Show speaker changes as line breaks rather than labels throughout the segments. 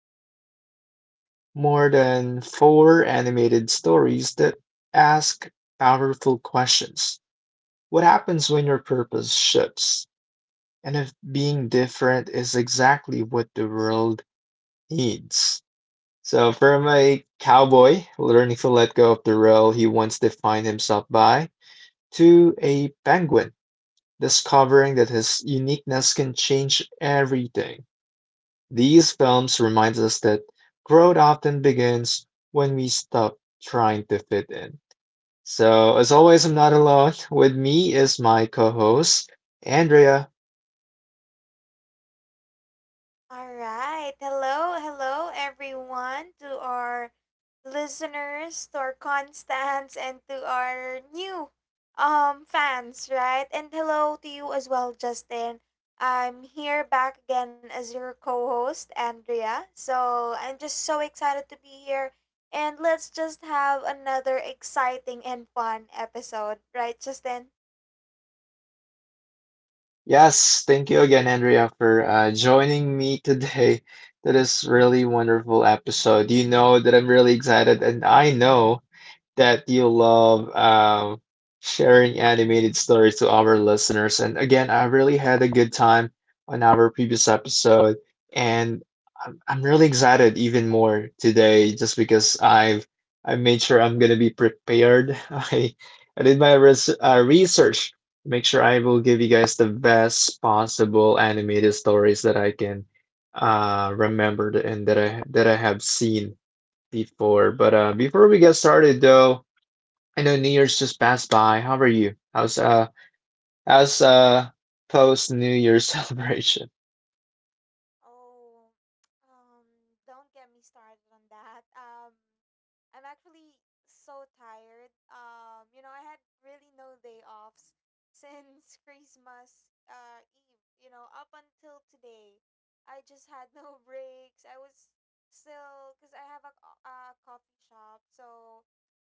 we're exploring more than four animated stories that ask powerful questions. What happens when your purpose shifts? And if being different is exactly what the world needs? So from a cowboy learning to let go of the role he once defined himself by, to a penguin discovering that his uniqueness can change everything. These films remind us that growth often begins when we stop trying to fit in. So as always, I'm not alone. With me is my co-host, Andrea.
All right. Hello, hello, everyone, to our listeners, to our constants, and to our new fans, right? And hello to you as well, Justin. I'm here back again as your co-host, Andrea. So I'm just so excited to be here, and let's just have another exciting and fun episode, right, Justin?
Yes, thank you again, Andrea, for joining me today to this really wonderful episode. You know that I'm really excited, and I know that you love sharing animated stories to our listeners. And again, I really had a good time on our previous episode, and I'm really excited even more today just because I made sure I'm gonna be prepared. I did my research to make sure I will give you guys the best possible animated stories that I can remembered and that I have seen before. But before we get started, though, I know New Year's just passed by. How are you? How's post New Year's celebration?
Oh, don't get me started on that. I'm actually so tired. You know, I had really no day offs since Christmas Eve, you know, up until today. I just had no breaks. I was still because I have a, a coffee shop, so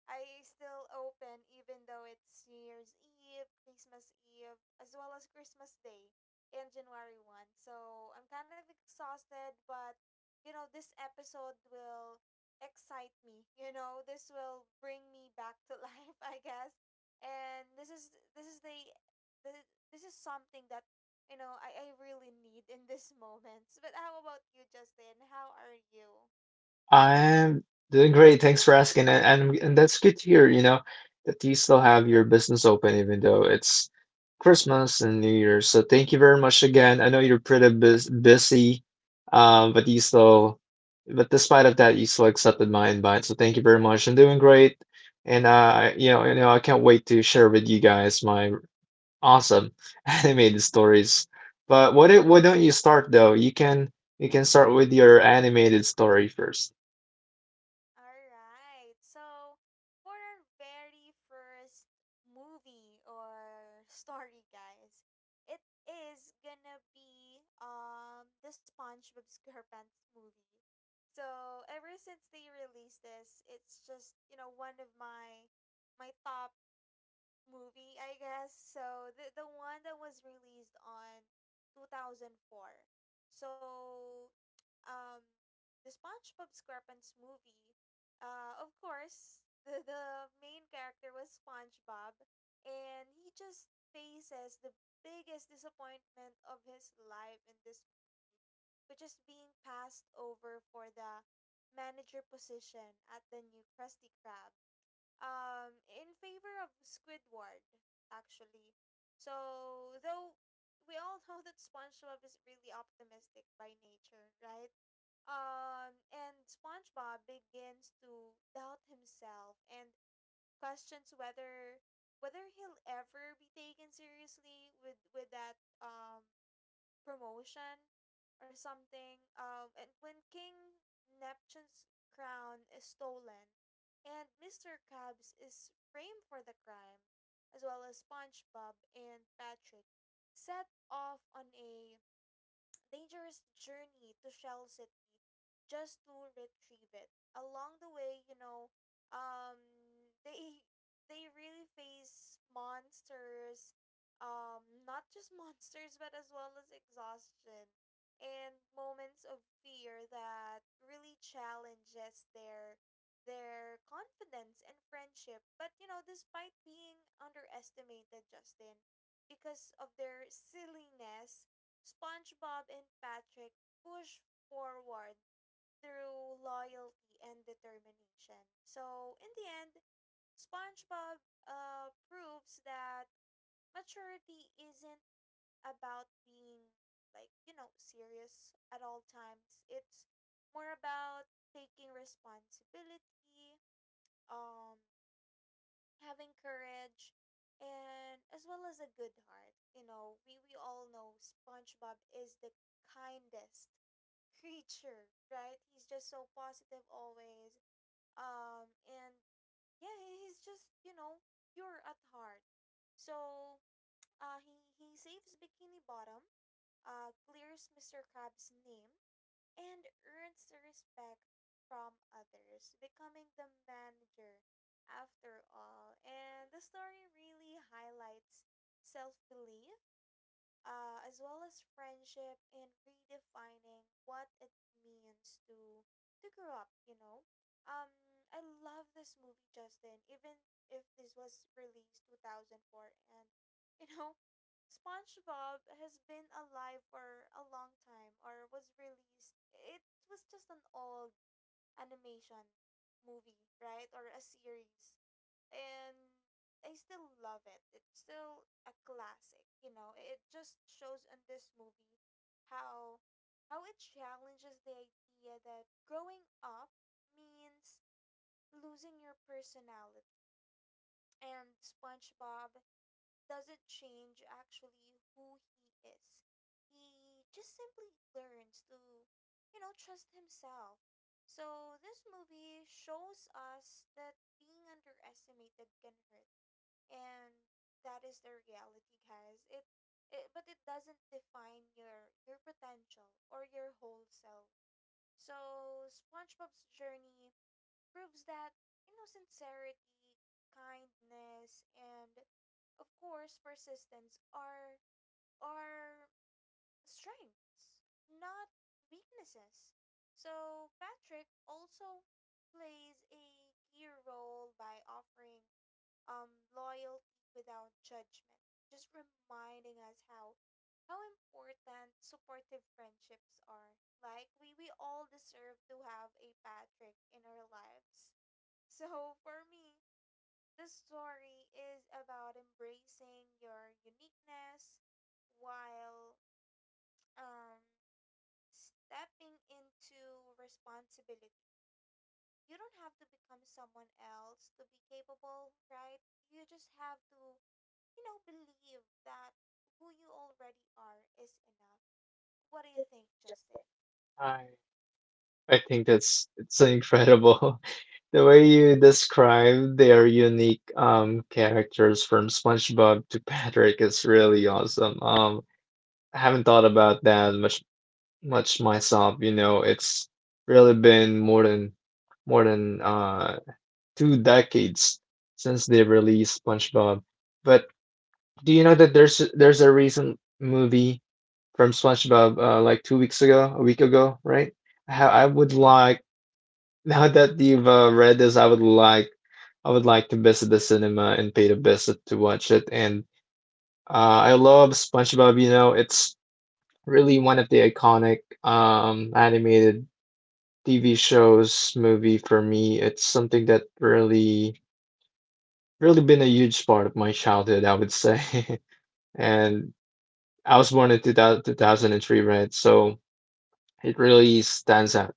I still open even though it's New Year's Eve, Christmas Eve, as well as Christmas Day and January 1st. So I'm kind of exhausted, but you know, this episode will excite me. You know, this will bring me back to life, I guess. And this is the this is something that you know I really need in this moment. But how about you, Justin? How are you?
I'm doing great. Thanks for asking, and and that's good to hear, you know, that you still have your business open even though it's Christmas and New Year's. So thank you very much again. I know you're pretty busy, um, but you still, but despite of that, you still accepted my invite. So thank you very much. I'm doing great, and I can't wait to share with you guys my awesome animated stories. But why don't you start though? You can start with your animated story first.
All right. So, for our very first movie or story, guys, it is gonna be the SpongeBob SquarePants movie. So, ever since they released this, it's just, you know, one of my top movie, I guess. So the one that was released on 2004. So um the SpongeBob SquarePants movie, of course, the main character was SpongeBob, and he just faces the biggest disappointment of his life in this movie, which is being passed over for the manager position at the new Krusty Krab in favor of Squidward actually. So though we all know that SpongeBob is really optimistic by nature, right? And SpongeBob begins to doubt himself and questions whether he'll ever be taken seriously with that promotion or something. And when King Neptune's crown is stolen, and Mr. Krabs is framed for the crime, as well as SpongeBob and Patrick, set off on a dangerous journey to Shell City just to retrieve it. Along the way, you know, um, they they really face monsters, not just monsters, but as well as exhaustion and moments of fear that really challenges their confidence and friendship. But you know, despite being underestimated, Justin, because of their silliness, SpongeBob and Patrick push forward through loyalty and determination. So, in the end, SpongeBob proves that maturity isn't about being like, you know, serious at all times. It's more about taking responsibility, um having courage and as well as a good heart. You know, we all know SpongeBob is the kindest creature, right? He's just so positive always. And yeah, he's just, you know, pure at heart. So he saves Bikini Bottom, clears Mr. Crab's name and earns respect from others, becoming the manager after all. And the story really highlights self belief, as well as friendship, and redefining what it means to grow up, you know. um I love this movie, Justin, even if this was released 2004, and you know, SpongeBob has been alive for a long time, or was released. It was just an old animation movie, right, or a series. And I still love it. It's still a classic, you know. It just shows in this movie how it challenges the idea that growing up means losing your personality. And SpongeBob doesn't change actually who he is. He just simply learns to, you know, trust himself. So this movie shows us that being underestimated can hurt. And that is the reality, guys. It but it doesn't define your potential or your whole self. So SpongeBob's journey proves that, you know, sincerity, kindness, and of course, persistence are strengths, not weaknesses. So Patrick also plays a key role by offering loyalty without judgment, just reminding us how important supportive friendships are. Like we all deserve to have a Patrick in our lives. So for me, the story is about embracing your uniqueness while um stepping into responsibility. You don't have to become someone else to be capable, right? You just have to, you know, believe that who you already are is enough. What do you think, Justin?
I I think that's it's incredible. The way you describe their unique characters from SpongeBob to Patrick is really awesome. I haven't thought about that much myself. It's really been more than 2 decades since they released SpongeBob. But do you know that there's a recent movie from SpongeBob, like 2 weeks ago, a week ago, right? How I would like Now that you've read this, I would like to visit the cinema and pay the visit to watch it. And I love SpongeBob. You know, it's really one of the iconic, animated TV shows movie for me. It's something that really been a huge part of my childhood, I would say. And I was born in 2003, right? So it really stands out,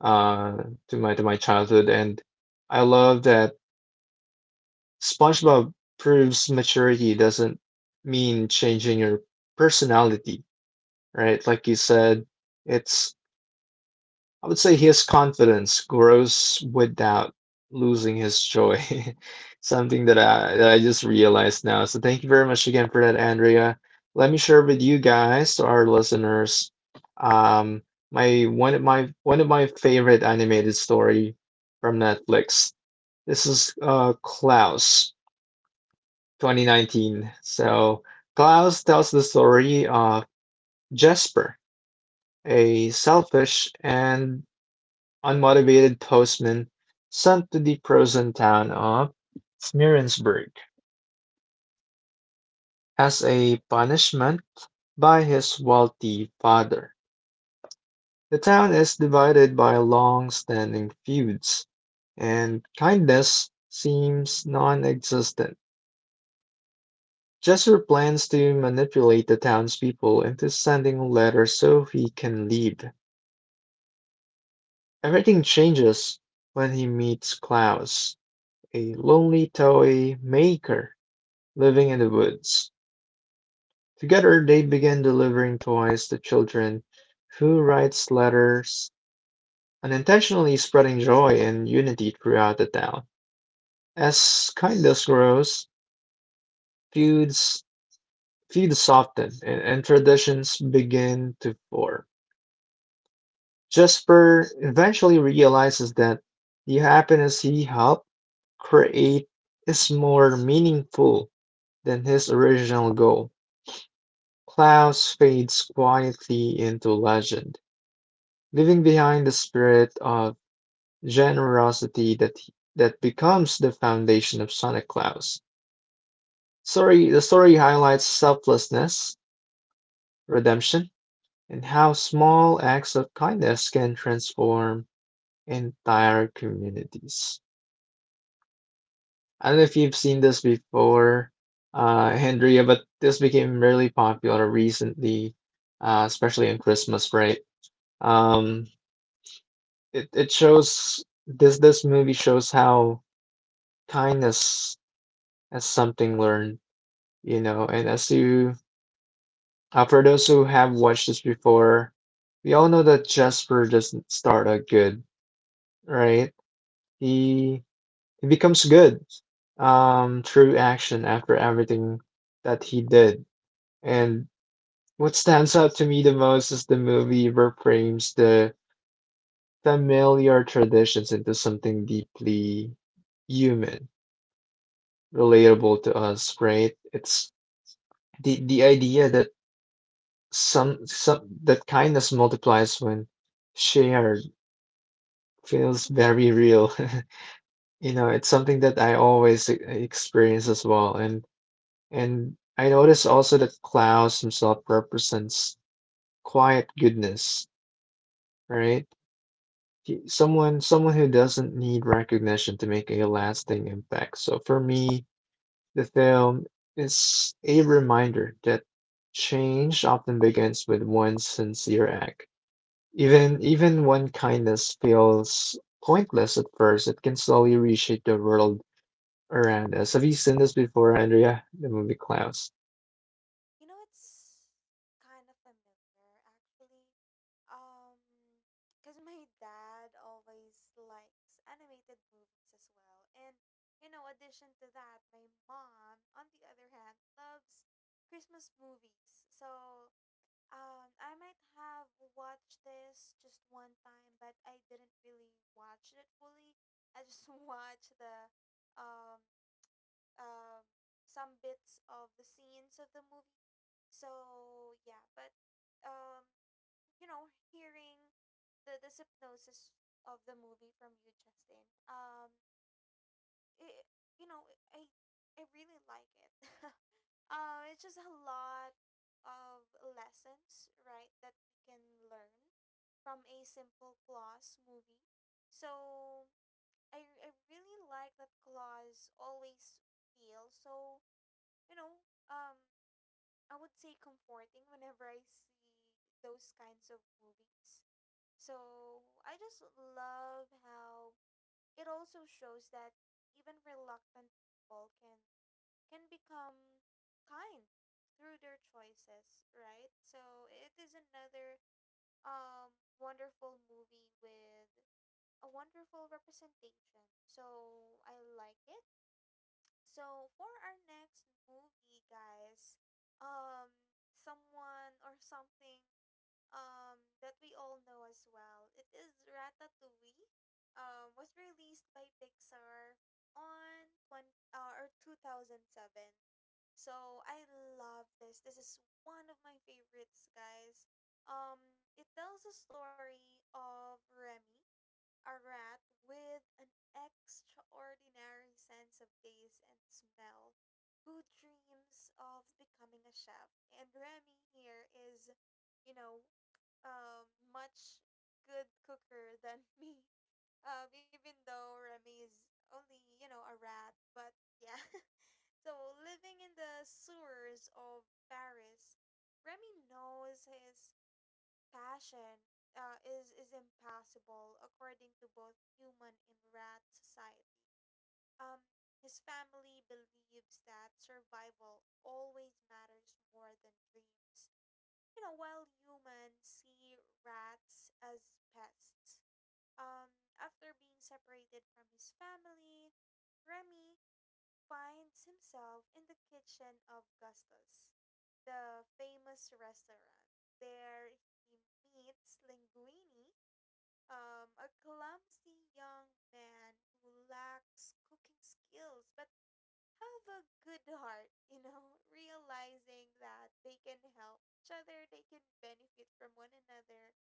uh, to my childhood, and I love that SpongeBob proves maturity doesn't mean changing your personality, right? Like you said, it's I would say his confidence grows without losing his joy. Something that I just realized now. So thank you very much again for that, Andrea. Let me share with you guys, to our listeners, um, my one of my one of my favorite animated story from Netflix. This is Klaus 2019. So Klaus tells the story of Jesper, a selfish and unmotivated postman sent to the frozen town of Smirensburg as a punishment by his wealthy father. The town is divided by long standing feuds, and kindness seems non existent. Jester plans to manipulate the townspeople into sending a letter so he can leave. Everything changes when he meets Klaus, a lonely toy maker living in the woods. Together, they begin delivering toys to children who writes letters, unintentionally spreading joy and unity throughout the town. As kindness grows, feuds feuds soften, and traditions begin to form. Jesper eventually realizes that the happiness he helped create is more meaningful than his original goal. Klaus fades quietly into legend, leaving behind the spirit of generosity that becomes the foundation of Santa Claus. The story highlights selflessness, redemption, and how small acts of kindness can transform entire communities. I don't know if you've seen this before, Hendria, but this became really popular recently, especially on Christmas, right? Um, it, it shows this this movie shows how kindness as something learned, And for those who have watched this before, we all know that Jasper doesn't start out good, right? He he becomes good, through action after everything that he did. And what stands out to me the most is the movie reframes the familiar traditions into something deeply human, relatable to us, right? It's the idea that some that kindness multiplies when shared feels very real. It's something that I always experience as well, and I notice also that Klaus himself represents quiet goodness, right. Someone who doesn't need recognition to make a lasting impact. So for me, the film is a reminder that change often begins with one sincere act. Even when kindness feels pointless at first, it can slowly reshape the world around us. Have you seen this before, Andrea? The movie Klaus.
You know, it's kind of familiar actually. Um, because my dad always likes animated movies as well. And, you know, addition to that, my mom, on the other hand, loves Christmas movies. So, I might have watched this just one time, but I didn't really watch it fully. I just watched the um um, some bits of the scenes of the movie. So yeah, but um, you know, hearing the synopsis of the movie from you, Justin, it you know, I really like it. It's just a lot of lessons, right, that we can learn from a simple clause movie. So I really like that clause always feel so you know, um, I would say comforting whenever I see those kinds of movies. So I just love how it also shows that even reluctant people can become kind through their choices, right? So it is another wonderful movie with a wonderful representation. So I like it. So for our next movie, guys, someone or something, that we all know as well. It is Ratatouille. Was released by Pixar on twenty or 2007. So I love this. This is one of my favorites, guys. It tells a story of Remy, a rat with an extraordinary sense of taste and smell who dreams of becoming a chef. And Remy here is, you know, much good cooker than me. Even though Remy is only, you know, a rat, but yeah. So living in the sewers of Paris, Remy knows his passion, is impossible according to both human and rat society. Um, his family believes that survival always matters more than dreams. You know, while humans see rats as pests. Um, after being separated from his family, Remy finds himself in the kitchen of Gustus, the famous restaurant. There he meets Linguini, a clumsy young man who lacks cooking skills but have a good heart. You know, realizing that they can help each other, they can benefit from one another,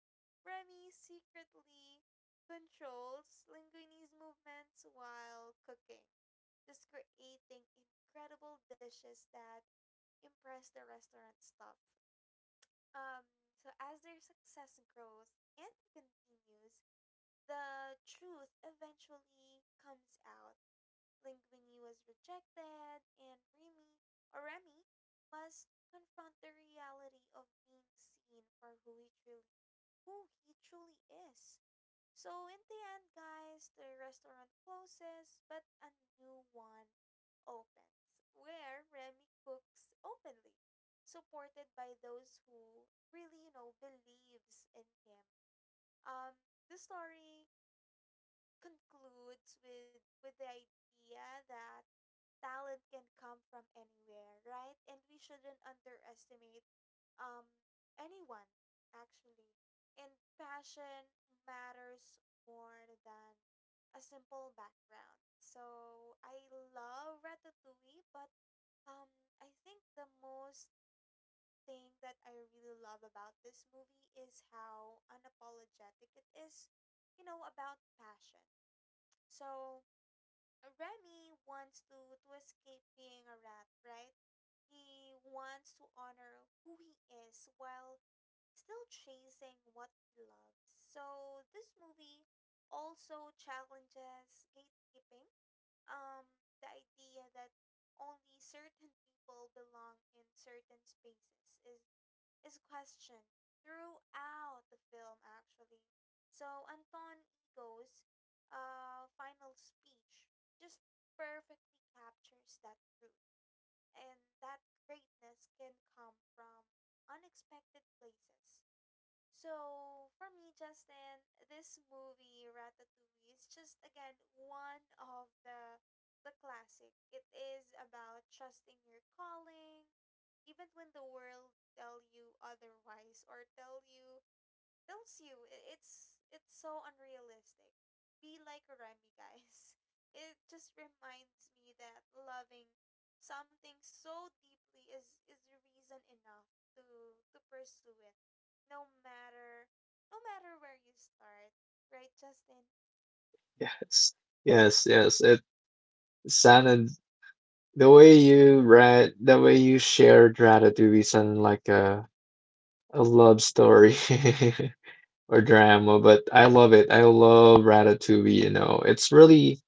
Remy secretly controls Linguini's movements while cooking, just creating incredible dishes that impress the restaurant staff. Um, so as their success grows and continues, the truth eventually comes out. Linguini was rejected, and Remy must confront the reality of being seen for who he truly is. So in the end, guys, the restaurant closes, but a new one opens where Remy cooks openly, supported by those who really, you know, believes in him. Um, the story concludes with the idea that talent can come from anywhere, right? And we shouldn't underestimate um anyone actually. And passion matters more than a simple background. So I love Ratatouille, but I think the most thing that I really love about this movie is how unapologetic it is, you know, about passion. So Remy wants to, escape being a rat, right? He wants to honor who he is while still chasing what he loves. So this movie also challenges gatekeeping. The idea that only certain people belong in certain spaces is questioned throughout the film actually. So Anton Ego's final speech just perfectly captures that truth, and that greatness can come from unexpected places. So for me, Justin, this movie Ratatouille is just again one of the classic. It is about trusting your calling, even when the world tell you otherwise, or tells you it's so unrealistic. Be like Remy, guys. It just reminds me that loving something so deeply is reason enough to pursue it, no matter no matter where you start, right, Justin?
Yes, yes, yes. It sounded the way you read, the way you shared Ratatouille sounded like a love story or drama. But I love it. I love Ratatouille. You know, it's really,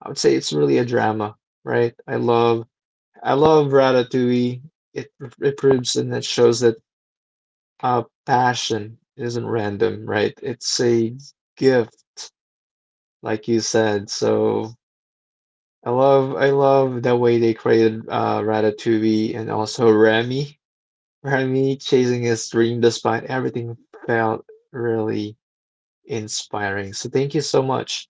I would say, it's really a drama, right? I love Ratatouille. It it proves and it shows that, passion isn't random, right? It's a gift, like you said. So I love the way they created, Ratatouille and also Remy. Remy chasing his dream despite everything felt really inspiring. So thank you so much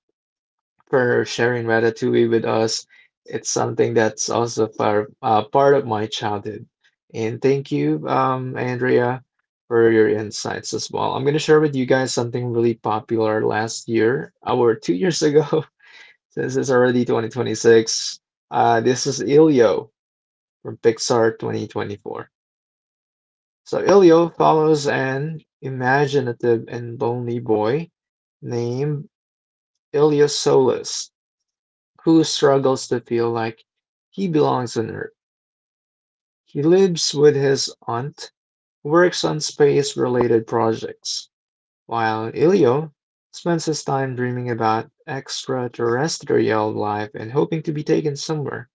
for sharing Ratatouille with us. It's something that's also part of my childhood. And thank you, Andrea, for your insights as well. I'm going to share with you guys something really popular last year, or 2 years ago. This is already 2026. This is Elio from Pixar 2024. So Elio follows an imaginative and lonely boy named Ilya Solis who struggles to feel like he belongs on Earth. He lives with his aunt, works on space related projects, while Ilio spends his time dreaming about extraterrestrial life and hoping to be taken somewhere,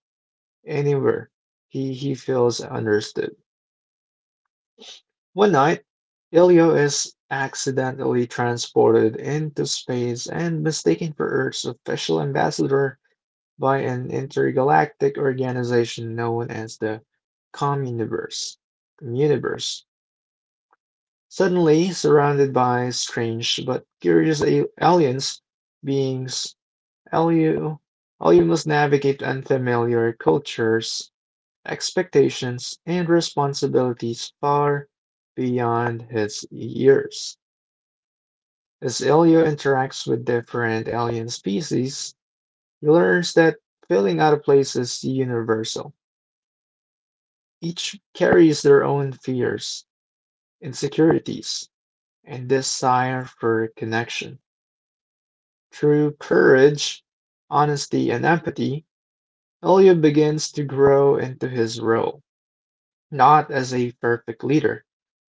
anywhere. He feels understood. One night, Ilio is accidentally transported into space and mistaken for Earth's official ambassador by an intergalactic organization known as the Communiverse. Communiverse. Suddenly surrounded by strange but curious aliens beings, Elu must navigate unfamiliar cultures, expectations, and responsibilities far beyond his years. As Elio interacts with different alien species, he learns that feeling out of place is universal. Each carries their own fears, insecurities, and desire for connection. Through courage, honesty, and empathy, Elio begins to grow into his role, not as a perfect leader,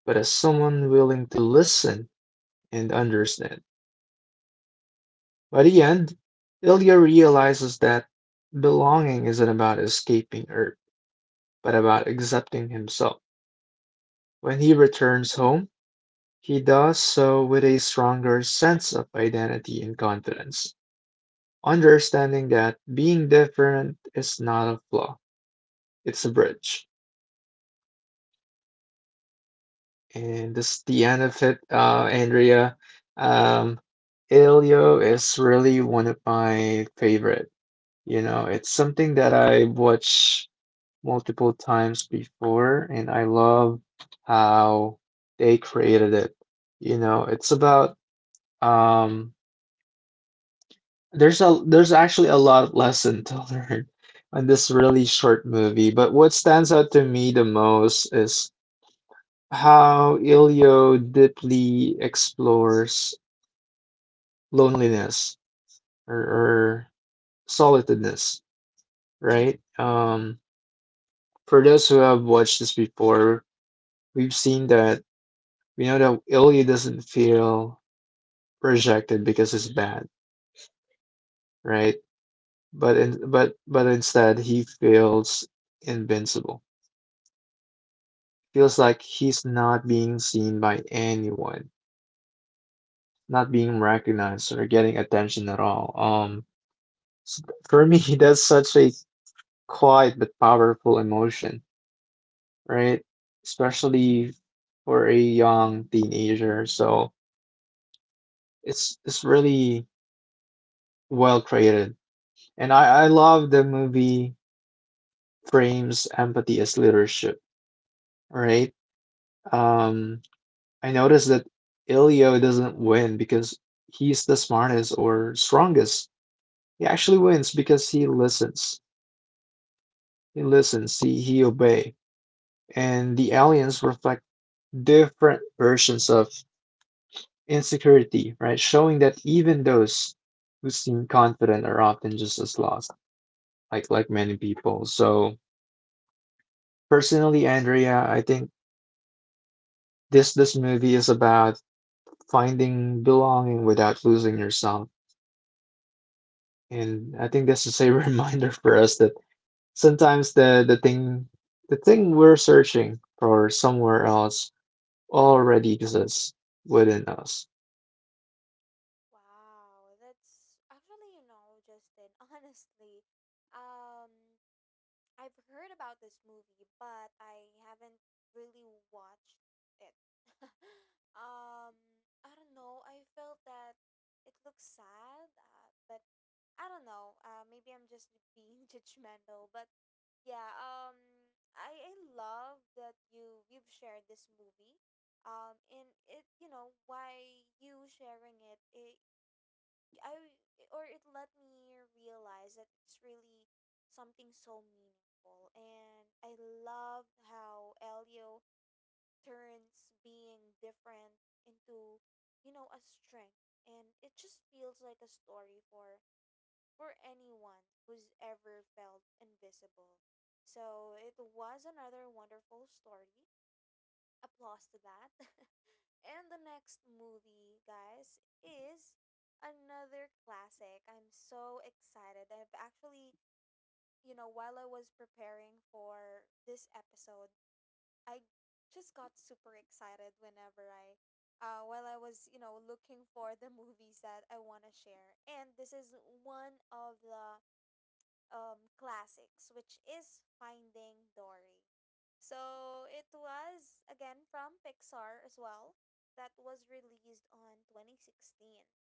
but as someone willing to listen and understand. By the end, Ilya realizes that belonging isn't about escaping Earth, but about accepting himself. When he returns home, he does so with a stronger sense of identity and confidence, understanding that being different is not a flaw, it's a bridge. And this the end of it, Andrea. Um, Elio is really one of my favorite. You know, it's something that I watch multiple times before, and I love how they created it. You know, it's about um There's a there's actually a lot of lesson to learn on this really short movie, but what stands out to me the most is how Ilio deeply explores loneliness, or solitudeness, right? For those who have watched this before, we've seen that we know that Ilio doesn't feel rejected because it's bad, right? But in, but but instead he feels invincible, feels like he's not being seen by anyone, not being recognized or getting attention at all. S- for me, that's such a quiet but powerful emotion, right? Especially for a young teenager. So it's really well created, and I love the movie frames empathy as leadership, right? Um, I noticed that Ilio doesn't win because he's the smartest or strongest. He actually wins because he listens. He listens, he obeys. And the aliens reflect different versions of insecurity, right? Showing that even those who seem confident are often just as lost, like many people. So personally, Andrea, I think this movie is about finding belonging without losing yourself. And I think this is a reminder for us that sometimes the thing we're searching for somewhere else already exists within us.
Wow, that's actually, you know, Justin, honestly, um, I've heard about this movie, but I haven't really watched it. um, I don't know. I felt that it looks sad, but I don't know. Maybe I'm just being judgmental, but yeah. I love that you've shared this movie. And it you know why you sharing it, it I or it let me realize that it's really something so meaningful, and I love how Elio turns being different into, you know, a strength. And it just feels like a story for anyone who's ever felt invisible. So it was another wonderful story, applause to that. And the next movie, guys, is another classic. I'm so excited. I've actually, you know, while I was preparing for this episode, I just got super excited whenever I while I was, you know, looking for the movies that I want to share. And this is one of the classics, which is Finding Dory. So it was again from Pixar as well, that was released on 2016.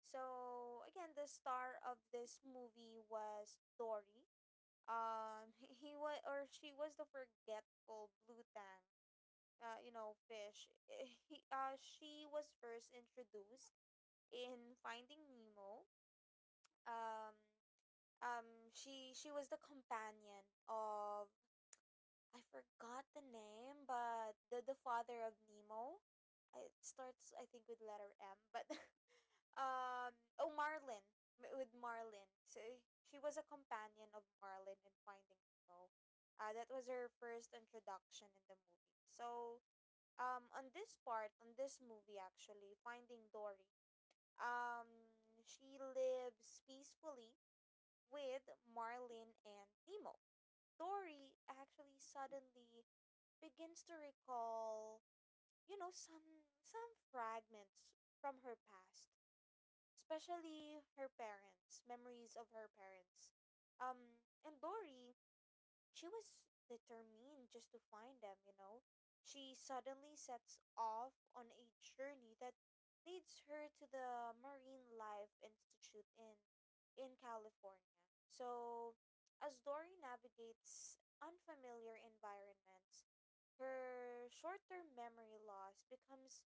So again, the star of this movie was Dory. He was or She was the forgetful blue tang, fish. She was first introduced in Finding Nemo. Um, she was the companion of, I forgot the name, but the father of Nemo. It starts, I think, with letter M, but with Marlin. So she was a companion of Marlin in Finding Nemo. That was her first introduction in the movie. So on this movie, actually, Finding Dory, she lives peacefully with Marlin and Nemo. Dory actually suddenly begins to recall, some fragments from her past, especially her parents, memories of her parents. And Dory, she was determined just to find them, you know. She suddenly sets off on a journey that leads her to the Marine Life Institute in California. So, as Dory navigates unfamiliar environments, her short-term memory loss becomes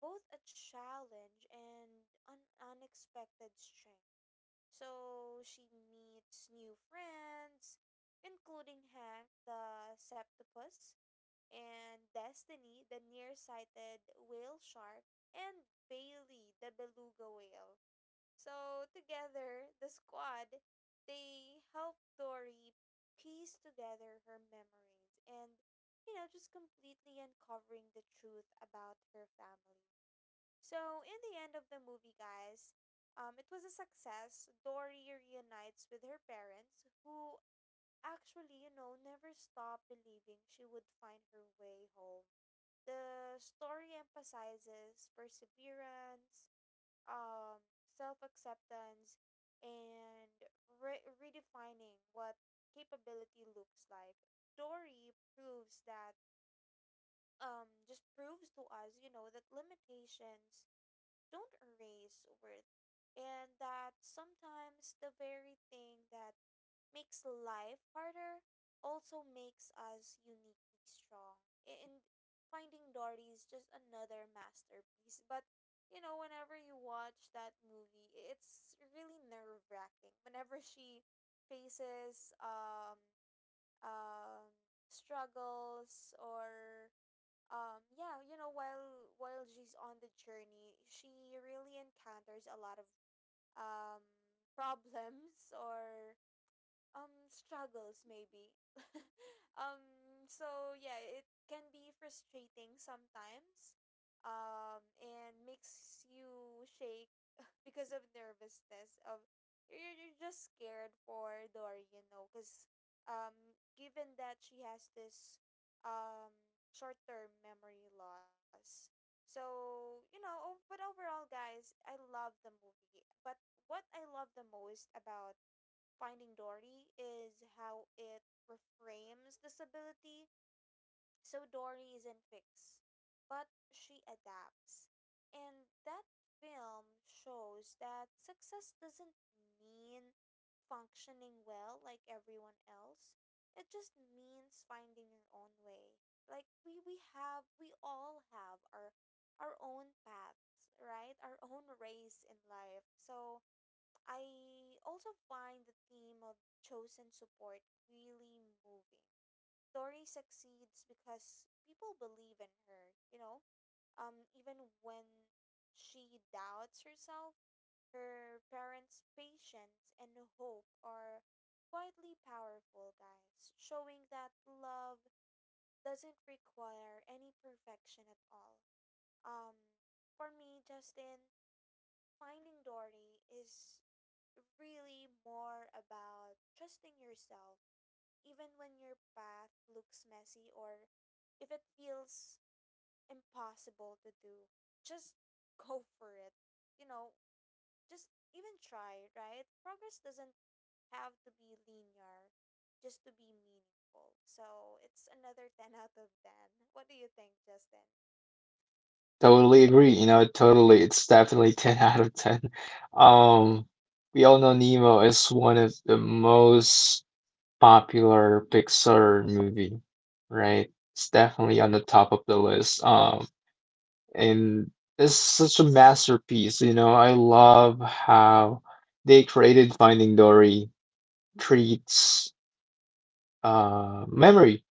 both a challenge and an unexpected strength. So she meets new friends, including Hank the Septopus and Destiny the nearsighted whale shark and Bailey the beluga whale. So together, the squad, they help Dory piece together her memories and, just completely uncovering the truth about her family. So, in the end of the movie, guys, it was a success. Dory reunites with her parents, who actually, you know, never stopped believing she would find her way home. The story emphasizes perseverance, self acceptance, and redefining what capability looks like. Dory proves that, just proves to us, you know, that limitations don't erase worth, and that sometimes the very thing that makes life harder also makes us uniquely strong. A- And Finding Dory is just another masterpiece. But, you know, whenever you watch that movie, it's really nerve wracking. Whenever she faces um struggles or yeah, you know, while she's on the journey, she really encounters a lot of um problems or struggles maybe. So yeah, it can be frustrating sometimes, and makes you shake because of nervousness of, you're just scared for Dory, you know, because given that she has this short-term memory loss. So, you know ov- but overall, guys, I love the movie. But what I love the most about Finding Dory is how it reframes disability. So Dory isn't fixed, but she adapts. And that film shows that success doesn't mean functioning well like everyone else. It just means finding your own way. Like, we all have our own paths, right? Our own race in life. So I also find the theme of chosen support really moving. Tori succeeds because people believe in her, you know? Even when she doubts herself, her parents' patience and hope are quietly powerful, guys, showing that love doesn't require any perfection at all. Um, for me, Justin, finding Dory is really more about trusting yourself, even when your path looks messy or if it feels impossible to do. Just go for it. You know, just even try, right? Progress doesn't have to be linear just to be meaningful. So it's another 10 out of 10. What do you think, Justin?
Totally agree. You know, totally. It's definitely 10 out of 10. Um, we all know Nemo is one of the most popular Pixar movie, right? It's definitely on the top of the list. And it's such a masterpiece. You know, I love how they created Finding Dory treats memory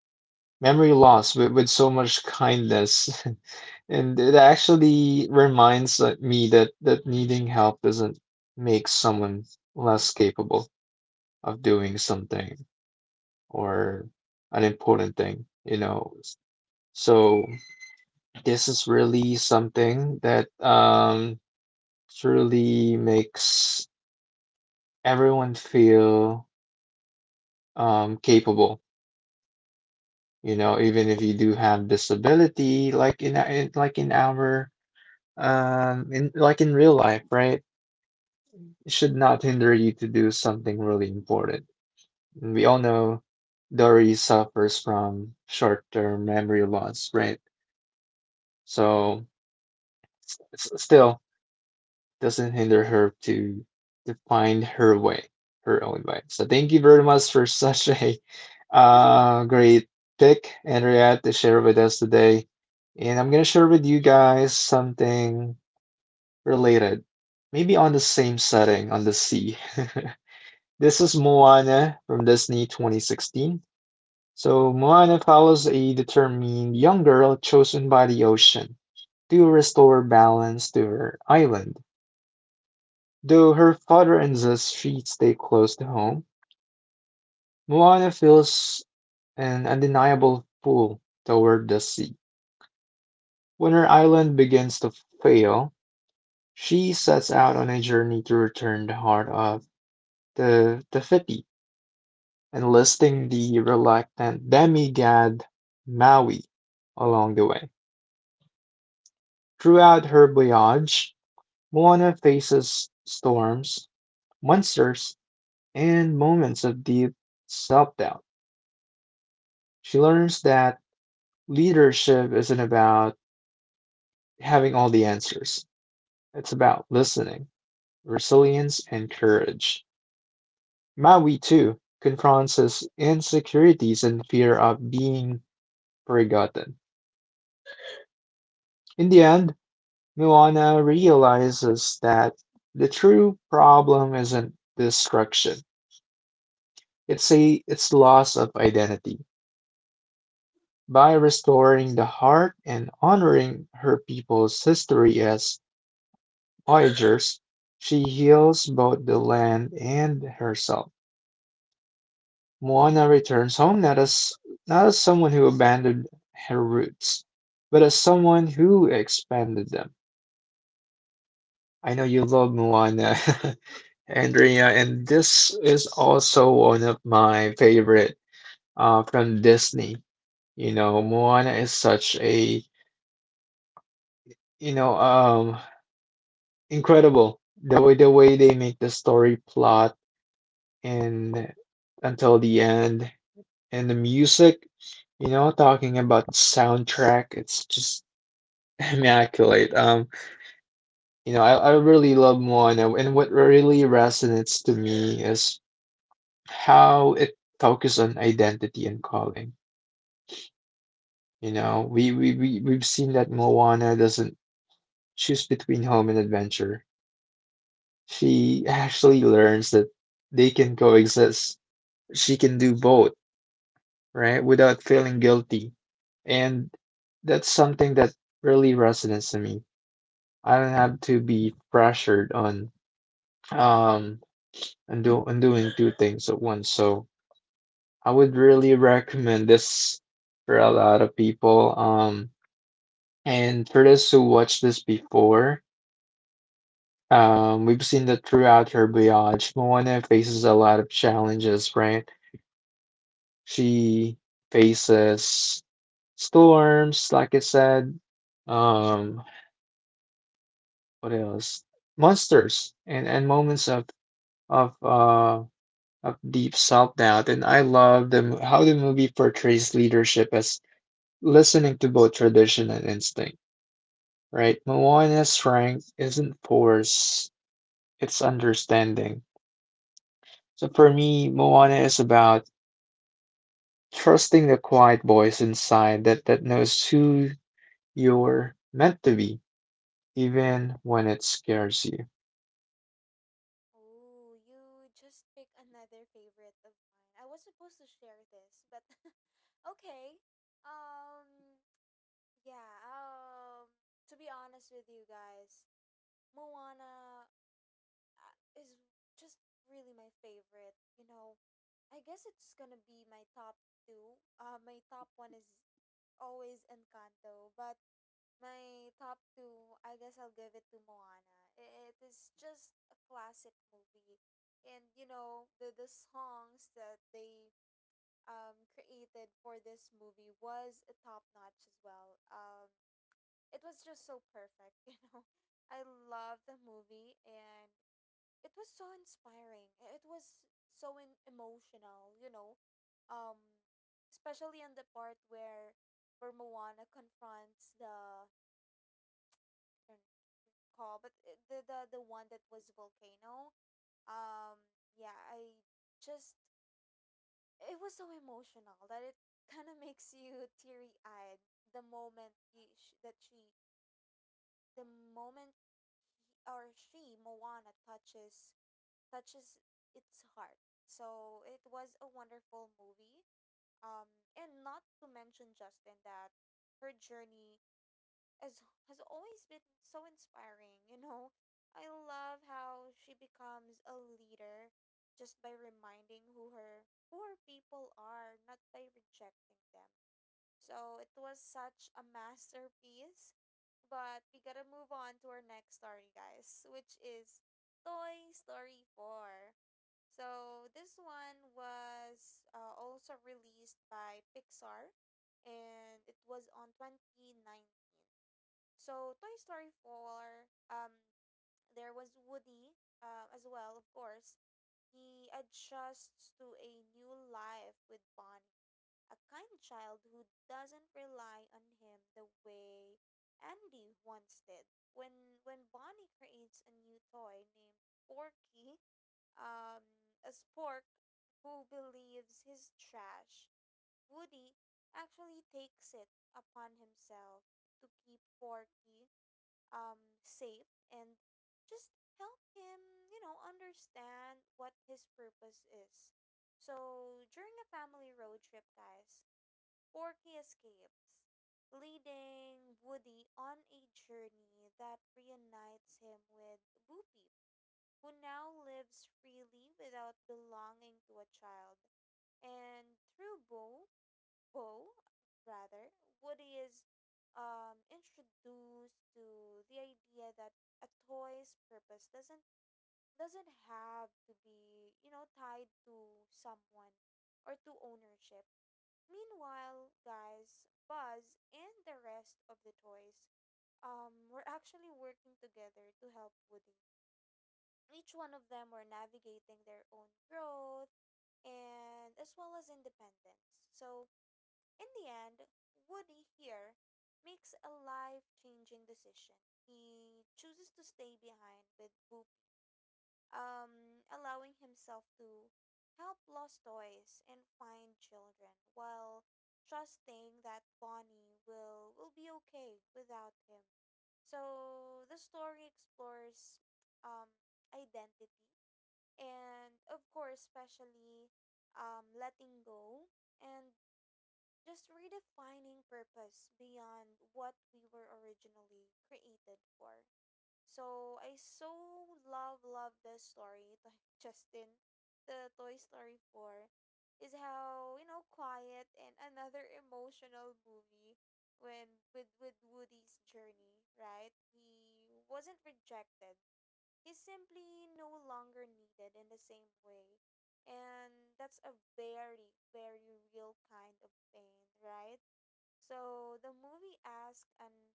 memory loss with so much kindness. And it actually reminds me that needing help doesn't make someone less capable of doing something or an important thing. So this is really something that truly makes everyone feel capable, you know, even if you do have disability, like in like in our in like in real life, right? It should not hinder you to do something really important. And we all know Dory suffers from short-term memory loss, right? So still doesn't hinder her to find her way, her own way. So thank you very much for such a great pick, Andrea, to share with us today. And I'm gonna share with you guys something related, maybe on the same setting on the sea. This is Moana from Disney 2016. So, Moana follows a determined young girl chosen by the ocean to restore balance to her island. Though her father insists she stay close to home, Moana feels an undeniable pull toward the sea. When her island begins to fail, she sets out on a journey to return the heart of the Tefiti, enlisting the reluctant demigod Maui along the way. Throughout her voyage, Moana faces storms, monsters, and moments of deep self doubt. She learns that leadership isn't about having all the answers; it's about listening, resilience, and courage. Maui, too, confronts his insecurities and fear of being forgotten. In the end, Muana realizes that the true problem isn't destruction, it's loss of identity. By restoring the heart and honoring her people's history as voyagers, she heals both the land and herself. Moana returns home not as someone who abandoned her roots, but as someone who expanded them. I know you love Moana, Andrea, and this is also one of my favorite from Disney. You know, Moana is such a, you know, um, incredible the way they make the story plot and until the end and the music, you know, talking about soundtrack, it's just immaculate. You know, I really love Moana, and what really resonates to me is how it focuses on identity and calling. You know, we've seen that Moana doesn't choose between home and adventure. She actually learns that they can coexist. She can do both, right? Without feeling guilty. And that's something that really resonates to me. I don't have to be pressured on um and do on doing two things at once. So I would really recommend this for a lot of people. And for those who watched this before, we've seen that throughout her voyage, Moana faces a lot of challenges, right? She faces storms, like I said, um, what else? Monsters and moments of uh of deep self-doubt. And I love how the movie portrays leadership as listening to both tradition and instinct, right? Moana's strength isn't force. It's understanding. So for me, Moana is about trusting the quiet voice inside that knows who you're meant to be, even when it scares you.
Oh, you just pick another favorite of mine. I was supposed to share this, but okay. Um yeah, um to be honest with you guys, Moana, uh, is just really my favorite. You know, I guess it's going to be my top 2. My top 1 is always Encanto, but my top two, I guess I'll give it to Moana. I- It is just a classic movie, and, you know, the songs that they created for this movie was a top notch as well. It was just so perfect, you know. I love the movie, and it was so inspiring. It was so emotional, you know. Um Especially in the part where Moana confronts the, I don't recall, but the the one that was volcano. Yeah, I just, it was so emotional that it kind of makes you teary-eyed the moment you, sh- that she the moment he, or she, Moana, touches, touches its heart. So it was a wonderful movie. And not to mention, Justin, that her journey has always been so inspiring. You know, I love how she becomes a leader just by reminding who her people are, not by rejecting them. So it was such a masterpiece. But we gotta move on to our next story, guys, which is Toy Story 4. So this one was also released by Pixar and it was on 2019. So Toy Story 4, there was Woody, as well, of course. He adjusts to a new life with Bonnie, a kind child who doesn't rely on him the way Andy once did. When Bonnie creates a new toy named Porky, a spork who believes he's trash, Woody actually takes it upon himself to keep Porky safe and just help him, you know, understand what his purpose is. So, during a family road trip, guys, Porky escapes, leading Woody on a journey that reunites him with Bo Peep, who now lives freely without belonging to a child. And through Bo, Poe, rather, Woody is, introduced to the idea that a toy's purpose doesn't have to be, you know, tied to someone or to ownership. Meanwhile, guys, Buzz and the rest of the toys, were actually working together to help Woody. Each one of them were navigating their own growth and as well as independence. So in the end, Woody here makes a life changing decision. He chooses to stay behind with Bo Peep, allowing himself to help lost toys and find children while trusting that Bonnie will be okay without him. So the story explores, um, identity and, of course, especially, letting go, and just redefining purpose beyond what we were originally created for. So I so love this story. Justin, the Toy Story 4 is how, you know, quiet and another emotional movie when with Woody's journey, right? He wasn't rejected, is simply no longer needed in the same way. And that's a very, very real kind of pain, right? So the movie asks an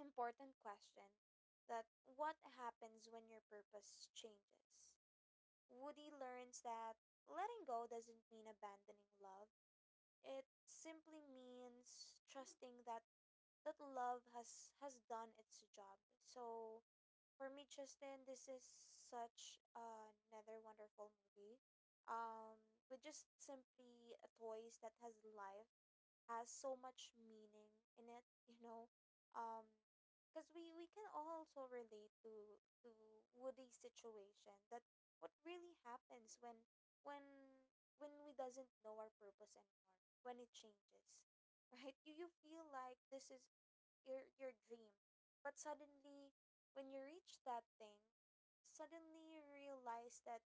important question, that what happens when your purpose changes? Woody learns that letting go doesn't mean abandoning love. It simply means trusting that love has done its job. So for me, Justin, this is such another wonderful movie. With just simply a toys that has life, has so much meaning in it, you know. Um, because we can also relate to Woody's situation, that what really happens when we doesn't know our purpose anymore, when it changes, right? You feel like this is your dream. But suddenly when you reach that thing, suddenly you realize that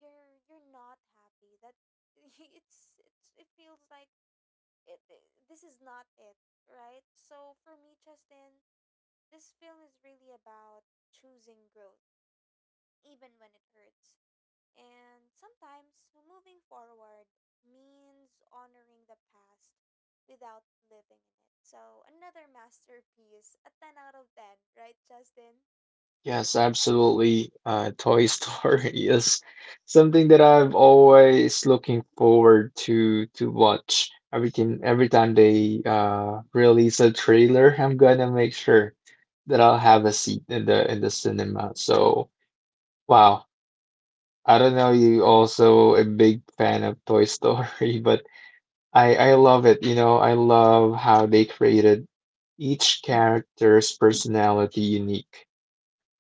you're not happy. That it's it feels like it this is not it, right? So for me, Justin, this film is really about choosing growth even when it hurts. And sometimes moving forward means honoring the past without living in it. So, another masterpiece, a 10 out of 10, right, Justin?
Yes, absolutely. Toy Story is something that I've always looking forward to watch. Everything every time they release a trailer, I'm gonna make sure that I'll have a seat in the cinema. So wow, I don't know you also a big fan of Toy Story, but I love it. You know, I love how they created each character's personality unique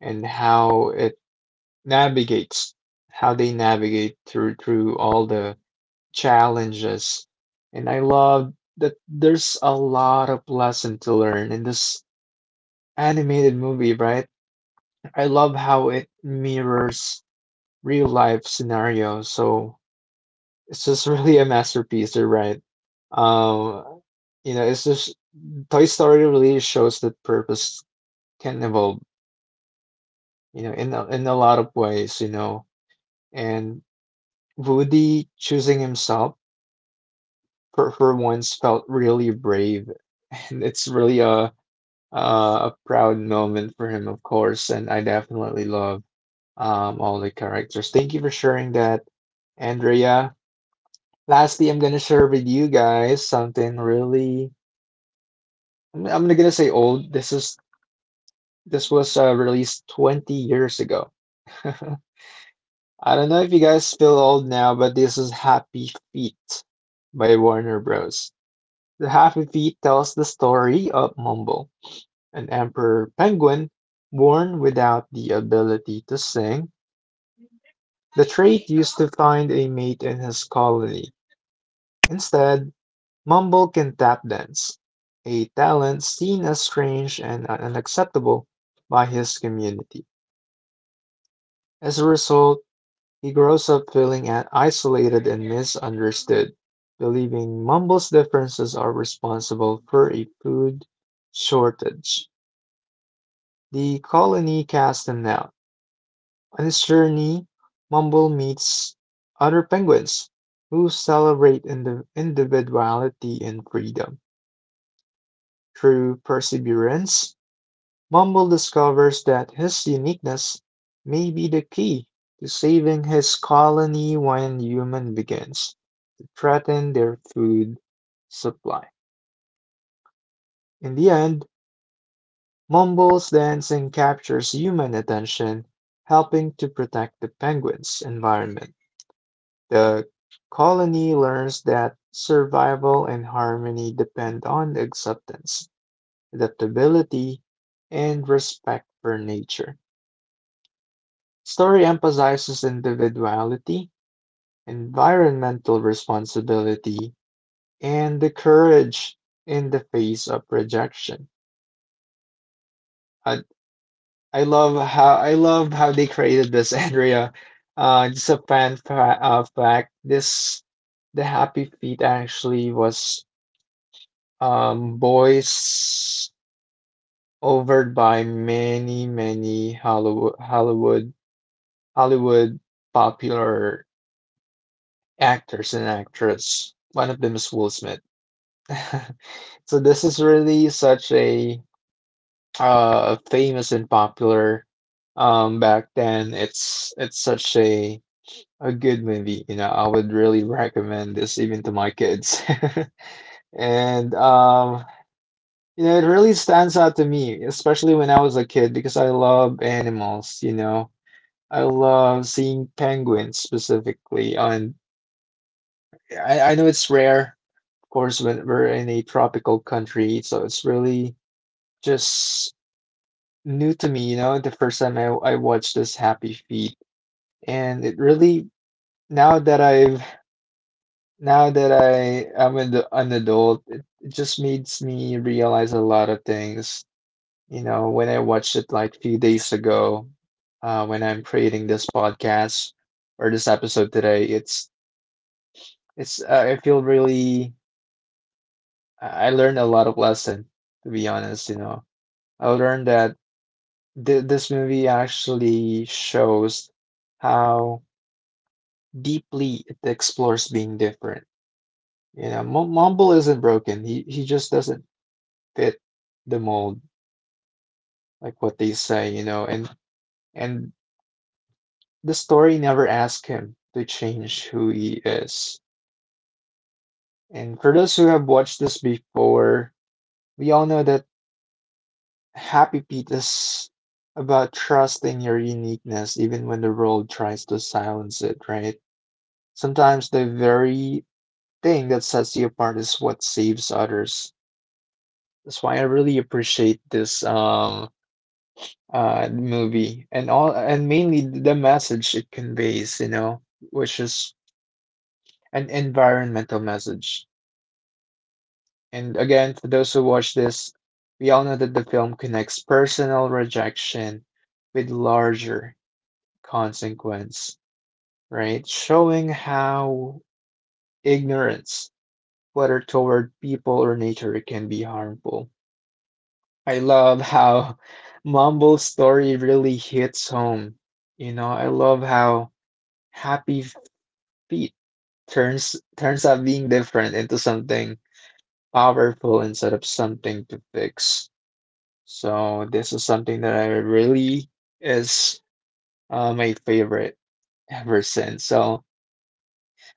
and how it navigates, how they navigate through all the challenges. And I love that there's a lot of lesson to learn in this animated movie, right? I love how it mirrors real life scenarios. So it's just really a masterpiece. You're right. Um, you know, it's just Toy Story really shows that purpose can evolve. You know, in a lot of ways. You know, and Woody choosing himself for once felt really brave, and it's really a proud moment for him, of course. And I definitely love all the characters. Thank you for sharing that, Andrea. Lastly, I'm gonna share with you guys something really I'm gonna say old. This is this was released 20 years ago. I don't know if you guys feel old now, but this is Happy Feet by Warner Bros. The Happy Feet tells the story of Mumble, an emperor penguin born without the ability to sing, the trait used to find a mate in his colony. Instead, Mumble can tap dance, a talent seen as strange and unacceptable by his community. As a result, he grows up feeling isolated and misunderstood, believing Mumble's differences are responsible for a food shortage. The colony casts him out. On his journey, Mumble meets other penguins who celebrate individuality and freedom through perseverance. Mumble discovers that his uniqueness may be the key to saving his colony when human begins to threaten their food supply. In the end, Mumble's dancing captures human attention, helping to protect the penguins' environment. The colony learns that survival and harmony depend on acceptance, adaptability, and respect for nature. Story emphasizes individuality, environmental responsibility, and the courage in the face of rejection. I, I love how they created this, Andrea. Just a fact. This the Happy Feet actually was voice over by many Hollywood popular actors and actress. One of them is Will Smith. So this is really such a famous and popular back then. It's such a good movie, you know. I would really recommend this even to my kids. And you know, it really stands out to me, especially when I was a kid, because I love animals, you know. I love seeing penguins specifically on I know it's rare, course, when we're in a tropical country, so it's really just new to me, you know, the first time I watched this Happy Feet. And it really, now that I've, now that I am an adult, it just makes me realize a lot of things. You know, when I watched it like a few days ago, when I'm creating this podcast or this episode today, I feel really, I learned a lot of lesson, to be honest, you know. I learned that this movie actually shows how deeply it explores being different. You know, M Mumble isn't broken. He just doesn't fit the mold, like what they say, you know, and the story never asks him to change who he is. And for those who have watched this before, we all know that Happy Pete is about trusting your uniqueness, even when the world tries to silence it, right? Sometimes the very thing that sets you apart is what saves others. That's why I really appreciate this movie and all and mainly the message it conveys, you know, which is an environmental message. And again, for those who watch this, we all know that the film connects personal rejection with larger consequence, right? Showing how ignorance, whether toward people or nature, can be harmful. I love how Mumble's story really hits home. You know, I love how Happy Feet turns out being different into something powerful instead of something to fix. So this is something that I really is my favorite ever since. So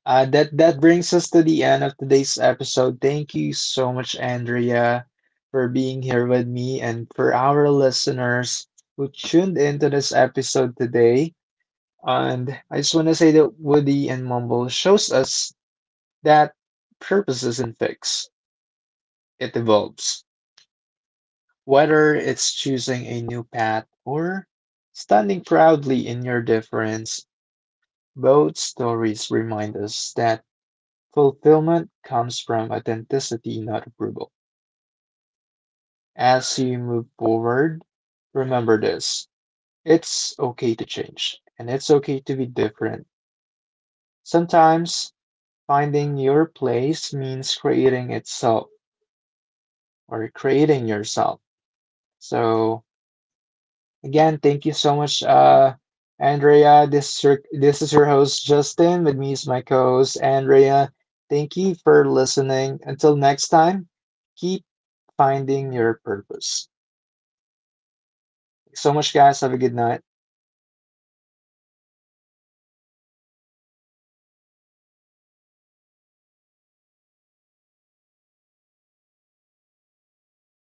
uh, that brings us to the end of today's episode. Thank you so much, Andrea, for being here with me and for our listeners who tuned into this episode today. And I just want to say that Woody and Mumble shows us that purpose isn't fixed; it evolves. Whether it's choosing a new path or standing proudly in your difference, both stories remind us that fulfillment comes from authenticity, not approval. As you move forward, remember this: it's okay to change and it's okay to be different. Sometimes finding your place means creating itself or creating yourself. So, again, thank you so much, Andrea. This is, this is your host, Justin. With me is my co host, Andrea. Thank you for listening. Until next time, keep finding your purpose. So much, guys. Have a good night.